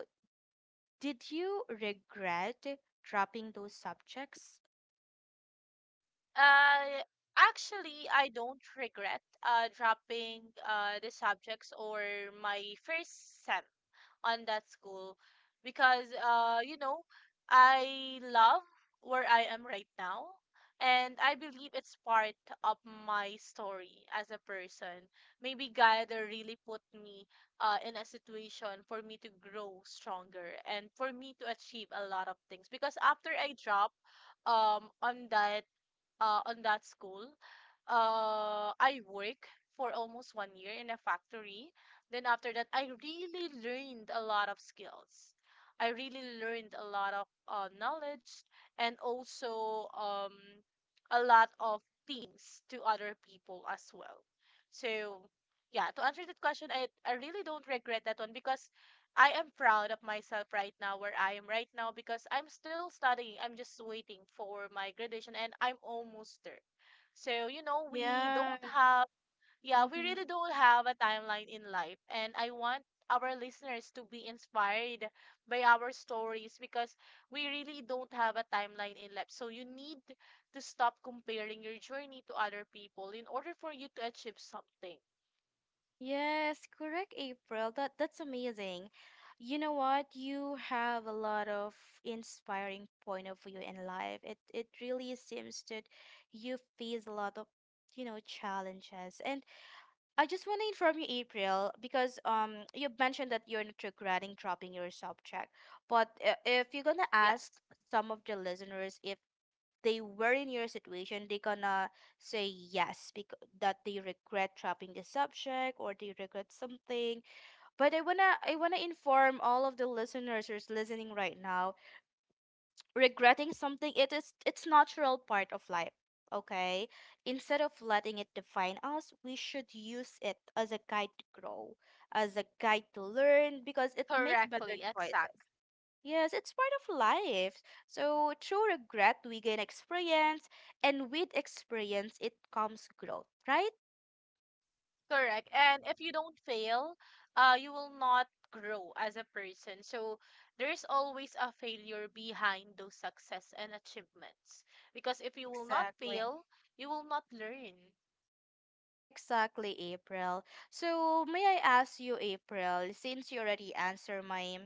did you regret dropping those subjects?
Uh, Actually, I don't regret dropping the subjects or my first sem on that school, because, I love where I am right now. And I believe it's part of my story as a person. Maybe God really put me in a situation for me to grow stronger and for me to achieve a lot of things. Because after I drop um on that on that school. I work for almost one year in a factory. Then after that, I really learned a lot of skills. I really learned a lot of knowledge, and also a lot of things to other people as well. So, yeah, to answer that question, I really don't regret that one, because I am proud of myself right now, where I am right now, because I'm still studying. I'm just waiting for my graduation and I'm almost there. So, you know, we
Yeah.
don't have, yeah, we
Mm-hmm.
really don't have a timeline in life. And I want our listeners to be inspired by our stories, because we really don't have a timeline in life. So you need to stop comparing your journey to other people in order for you to achieve something.
Yes, correct, April. That, that's amazing. You know what? You have a lot of inspiring point of view in life. It really seems that you face a lot of, you know, challenges. And I just want to inform you, April, because you mentioned that you're not regretting dropping your subject. But if you're gonna
Yeah,
ask some of the listeners if they were in your situation, they gonna say yes because that they regret dropping the subject or they regret something. But I wanna inform all of the listeners who's listening right now, regretting something, it's natural part of life. Okay, instead of letting it define us, we should use it as a guide to grow, as a guide to learn, because it make better
correctly,
choices.
exact.
Yes, it's part of life. So through regret, we gain experience, and with experience, it comes growth, right?
Correct. And if you don't fail, you will not grow as a person. So there's always a failure behind those success and achievements. Because if you will not
Exactly.
fail, you will not learn.
Exactly, April. So, may I ask you, April, since you already answered my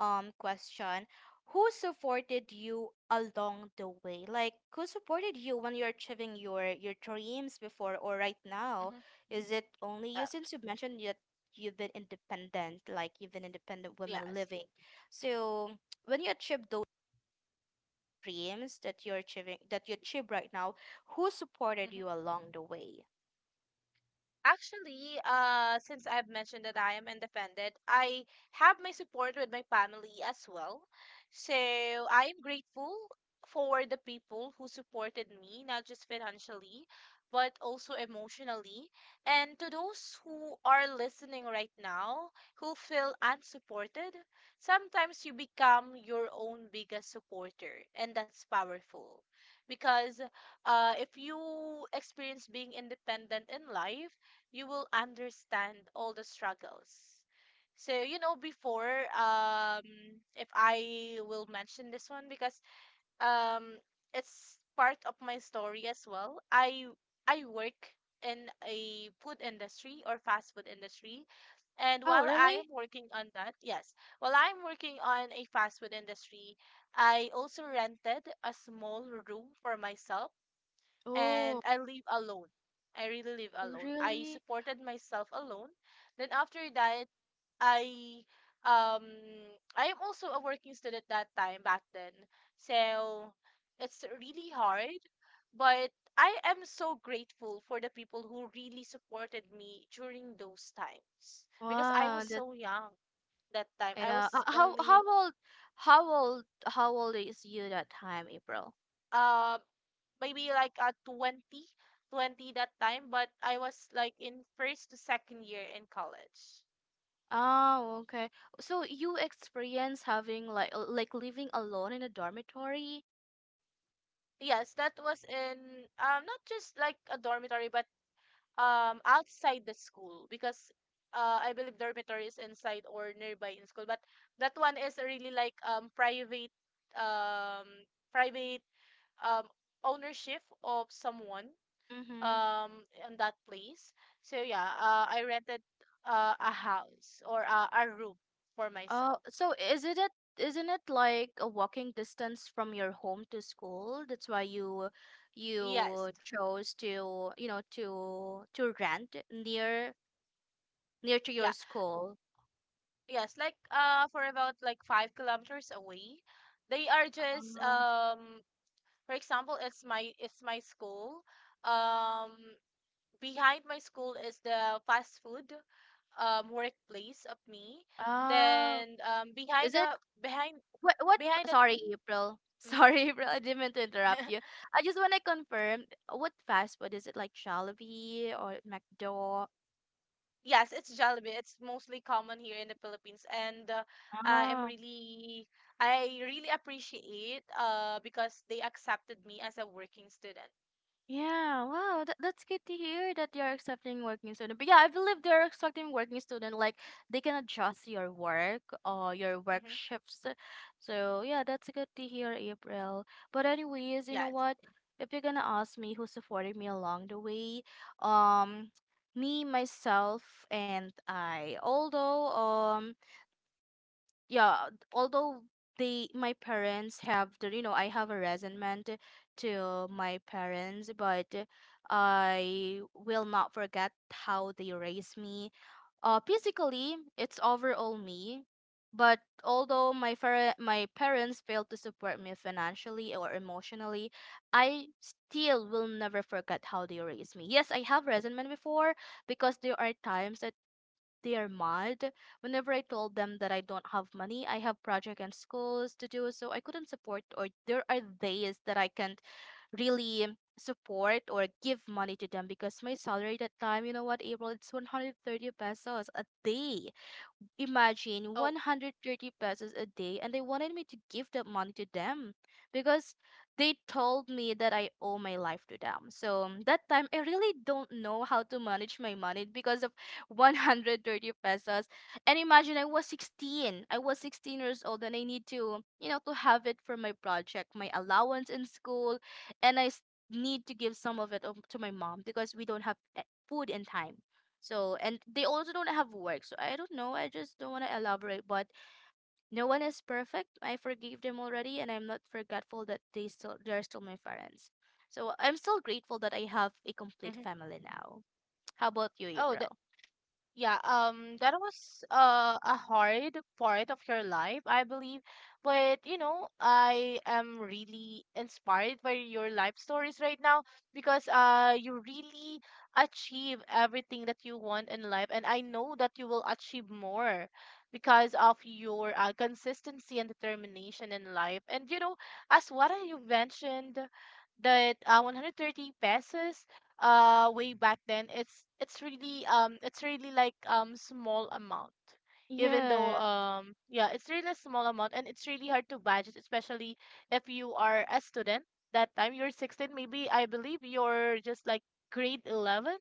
question, who supported you along the way? Like, who supported you when you're achieving your dreams before or right now?
Mm-hmm.
Is it only
Uh,
you, since you mentioned that you've been independent, like you've been independent women
yes.
living. So, when you achieve those dreams that you're achieving that you achieve right now, who supported
Mm-hmm.
you along the way?
Actually, since I've mentioned that I am independent, I have my support with my family as well. So I am grateful for the people who supported me, not just financially, but also emotionally. And to those who are listening right now who feel unsupported, sometimes you become your own biggest supporter, and that's powerful. Because if you experience being independent in life, you will understand all the struggles. So, you know, before, if I will mention this one because um, it's part of my story as well. I work in a food industry or fast food industry. And while
Oh,
I am
really?
working on that, yes, while I'm working on a fast food industry, I also rented a small room for myself and I live alone. I really live alone. I
Really?
supported myself alone. Then after that, I um I am also a working student that time back then. So it's really hard, but I am so grateful for the people who really supported me during those times because I was
Wow, that,
so young that time. I
yeah.
was
How
only
how old how old how old is you that time, April?
um maybe like 20, 20 that time, but I was like in first to second year in college.
Oh, okay. So you experience having like living alone in a dormitory?
Yes, that was in not just like a dormitory, but outside the school because I believe dormitory is inside or nearby in school, but that one is really like um private um ownership of someone
Mm-hmm.
um in that place. So yeah, I rented a house or a room for
Oh,
myself.
so is it it isn't it like a walking distance from your home to school? That's why
Yes.
you chose to, you know, to rent near, near to
Yeah.
your school.
Yes, like for about like 5 kilometers away. They are just
Oh.
for example, it's my school. Um Behind my school is the fast food workplace of me.
Oh.
Then
Is it,
behind behind the
Sorry, April.
mm-hmm.
Sorry, April, I didn't mean to interrupt you. I just want to confirm what fast food is it, like Jollibee or McDo?
Yes, it's jalebi. It's mostly common here in the Philippines, and I am
Ah.
really, I really appreciate because they accepted me as a working student.
Yeah, wow, that's good to hear that you're accepting working student. But yeah, I believe they're accepting working student. Like, they can adjust your work or your work
Mm-hmm.
shifts. So yeah, that's good to hear, April. But anyways, you know
Yes.
what? If you're gonna ask me who supported me along the way, um, me myself and I. Although yeah although they my parents have the you know I have a resentment to my parents, but I will not forget how they raised me. Physically, it's overall me. But although my parents failed to support me financially or emotionally, I still will never forget how they raised me. Yes, I have resentment before, because there are times that they are mad whenever I told them that I don't have money. I have project and schools to do, so I couldn't support. Or there are days that I can't really support or give money to them because my salary that time, you know what, April, it's 130 pesos a day. Imagine
Oh,
130 pesos a day, and they wanted me to give that money to them because they told me that I owe my life to them. So that time I really don't know how to manage my money because of 130 pesos. And imagine I was 16. I was 16 years old and I need to, you know, to have it for my project, my allowance in school, and need to give some of it to my mom because we don't have food in time. So, and they also don't have work. So, I don't know. I just don't want to elaborate, but no one is perfect. I forgave them already, and I'm not forgetful that they're still my parents. So, I'm still grateful that I have a complete
mm-hmm.
family now. How about you,
Oh,
April?
yeah, that was a hard part of your life, I believe. But you know, I am really inspired by your life stories right now because you really achieve everything that you want in life, and I know that you will achieve more because of your consistency and determination in life. And you know, as what you mentioned, that 130 pesos way back then, it's really it's really like small amount. Even though,
Yeah.
yeah, it's really a small amount, and it's really hard to budget, especially if you are a student that time. You're 16 maybe, I believe. You're just like grade 11,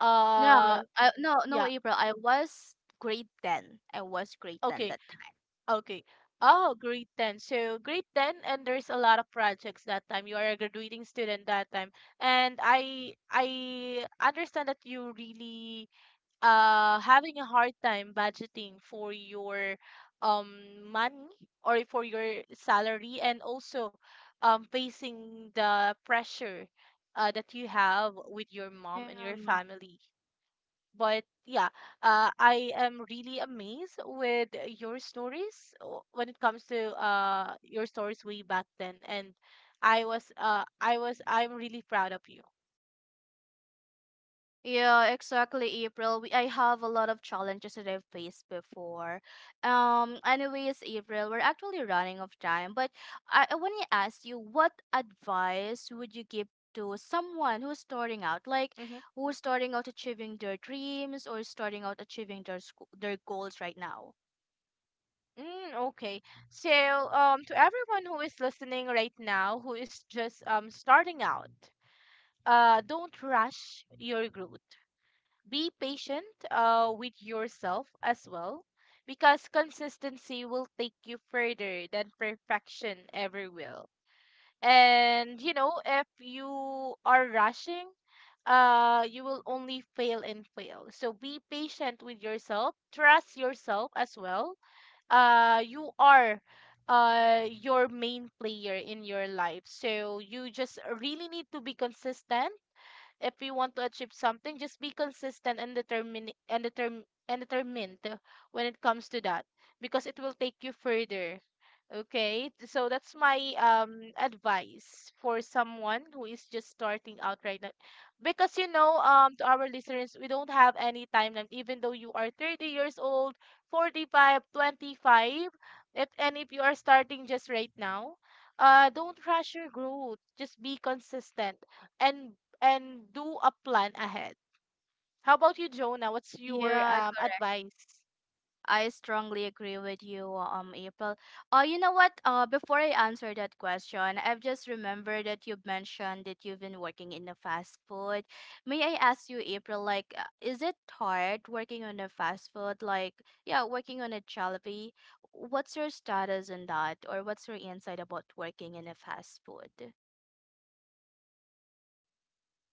uh
No, no,
yeah.
April. I was grade 10. I was grade 10
Okay,
that
okay. Oh, grade 10. So grade 10, and there's a lot of projects that time. You are a graduating student that time, and I understand that you really having a hard time budgeting for your um money or for your salary, and also facing the pressure that you have with your mom
time.
and your
Yeah.
family. But yeah, I am really amazed with your stories, when it comes to your stories way back then. And I'm really proud of you.
Yeah, exactly, April. I have a lot of challenges that I've faced before. Anyways, April, we're actually running of time, but I want to ask you, what advice would you give to someone who's starting out, like
Mm-hmm.
who's starting out achieving their dreams or starting out achieving their school, their goals right now?
Mm, okay. So, to everyone who is listening right now, who is just starting out, don't rush your growth. Be patient, with yourself as well, because consistency will take you further than perfection ever will. And you know, if you are rushing, you will only fail and fail. So be patient with yourself. Trust yourself as well. You are your main player in your life, so you just really need to be consistent. If you want to achieve something, just be consistent and determined when it comes to that, because it will take you further. Okay, so that's my advice for someone who is just starting out right now. Because you know, to our listeners, we don't have any timeline, even though you are 30 years old, 45, 25, if you are starting just right now, don't rush your growth. Just be consistent, and and do a plan ahead. How about you, Jonah? What's your
Yeah,
advice?
I strongly agree with you, April. You know what? Before I answer that question, I've just remembered that you've mentioned that you've been working in a fast food. May I ask you, April, like, is it hard working on a fast food? Like, yeah, working on a Jollibee. What's your status on that, or what's your insight about working in a fast food?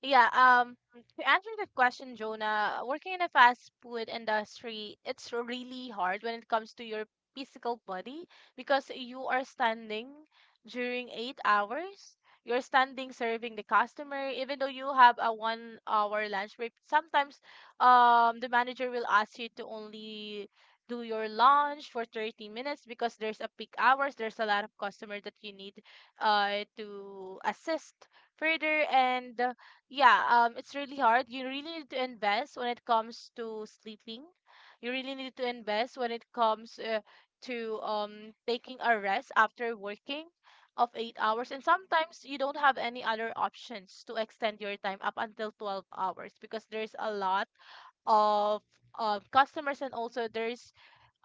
Yeah, to answer that question, Jonah, working in a fast food industry, it's really hard when it comes to your physical body because you are standing during 8 hours. You're standing serving the customer, even though you have a 1 hour lunch break. Sometimes, the manager will ask you to only do your lunch for 30 minutes because there's a peak hours, there's a lot of customer that you need to assist further. And yeah, it's really hard. You really need to invest when it comes to sleeping. You really need to invest when it comes to taking a rest after working of 8 hours. And sometimes you don't have any other options to extend your time up until 12 hours because there's a lot of customers, and also there's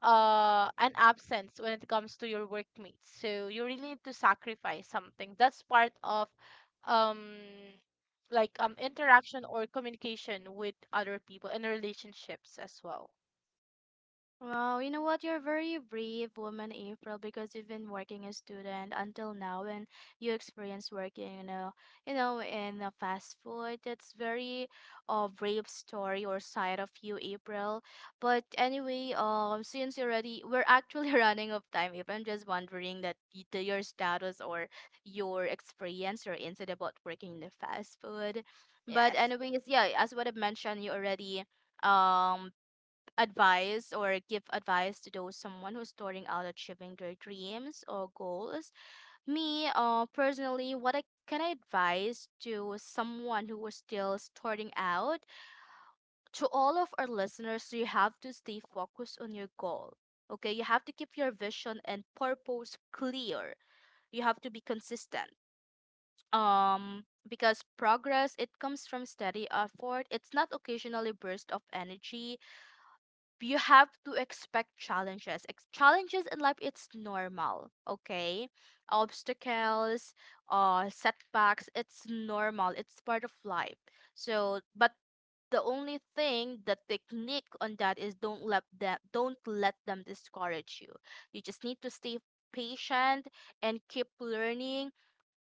an absence when it comes to your workmates. So you really need to sacrifice something. That's part of um interaction or communication with other people in relationships as well.
Wow, you know what? You're a very brave woman, April, because you've been working as student until now, and you experience working, you know, in a fast food. That's very brave story or side of you, April. But anyway, since you're already we're actually running of time, April. I'm just wondering that the, your status or your experience or insight about working in the fast food. But
Yes.
anyways, yeah, as what I mentioned, you already um advice or give advice to those someone who's starting out achieving their dreams or goals. Me, personally, what I can I advise to someone who is still starting out? To all of our listeners, you have to stay focused on your goal. Okay, you have to keep your vision and purpose clear. You have to be consistent. Because progress it comes from steady effort. It's not occasionally burst of energy. You have to expect challenges. Challenges in life, it's normal, okay? Obstacles, setbacks, it's normal. It's part of life. So, but the only thing, the technique on that is don't let them discourage you. You just need to stay patient and keep learning.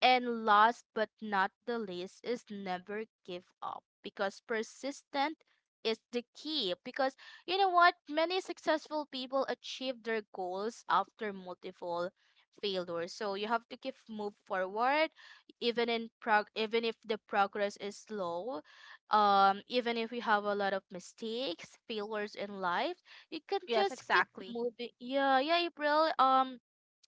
And last but not the least is never give up, because persistent is the key. Because you know what? Many successful people achieve their goals after multiple failures. So you have to keep move forward, even in prog even if the progress is slow, even if you have a lot of mistakes, failures in life, you can
Yes,
just keep
exactly.
moving. Yeah, yeah, April.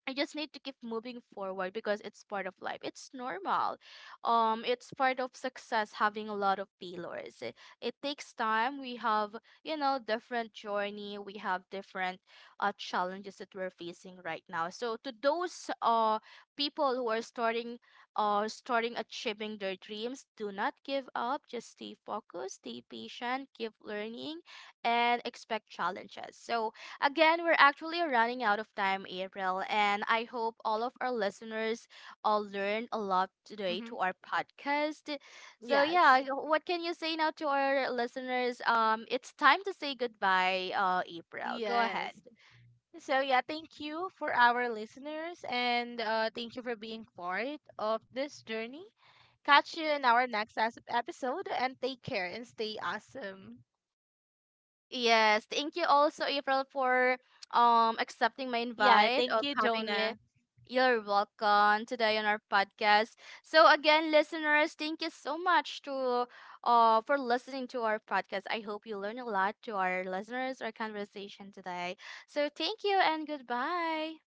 I just need to keep moving forward because it's part of life. It's normal. It's part of success having a lot of failures. It takes time. We have, you know, different journey. We have different challenges that we're facing right now. So to those people who are starting achieving their dreams, do not give up. Just stay focused, stay patient, keep learning, and expect challenges. So again, we're actually running out of time, April, and I hope all of our listeners all learned a lot today
Mm-hmm.
to our podcast. So
Yes.
yeah, what can you say now to our listeners? It's time to say goodbye, April. Go ahead.
Yes, so yeah, thank you for our listeners, and thank you for being part of this journey. Catch you in our next episode, and take care and stay awesome.
Yes, thank you also, April, for accepting my
Yeah,
invite
thank
of
you,
having you.
Jonah.
You're welcome today on our podcast. So again, listeners, thank you so much to for listening to our podcast. I hope you learn a lot to our listeners, our conversation today. So thank you and goodbye.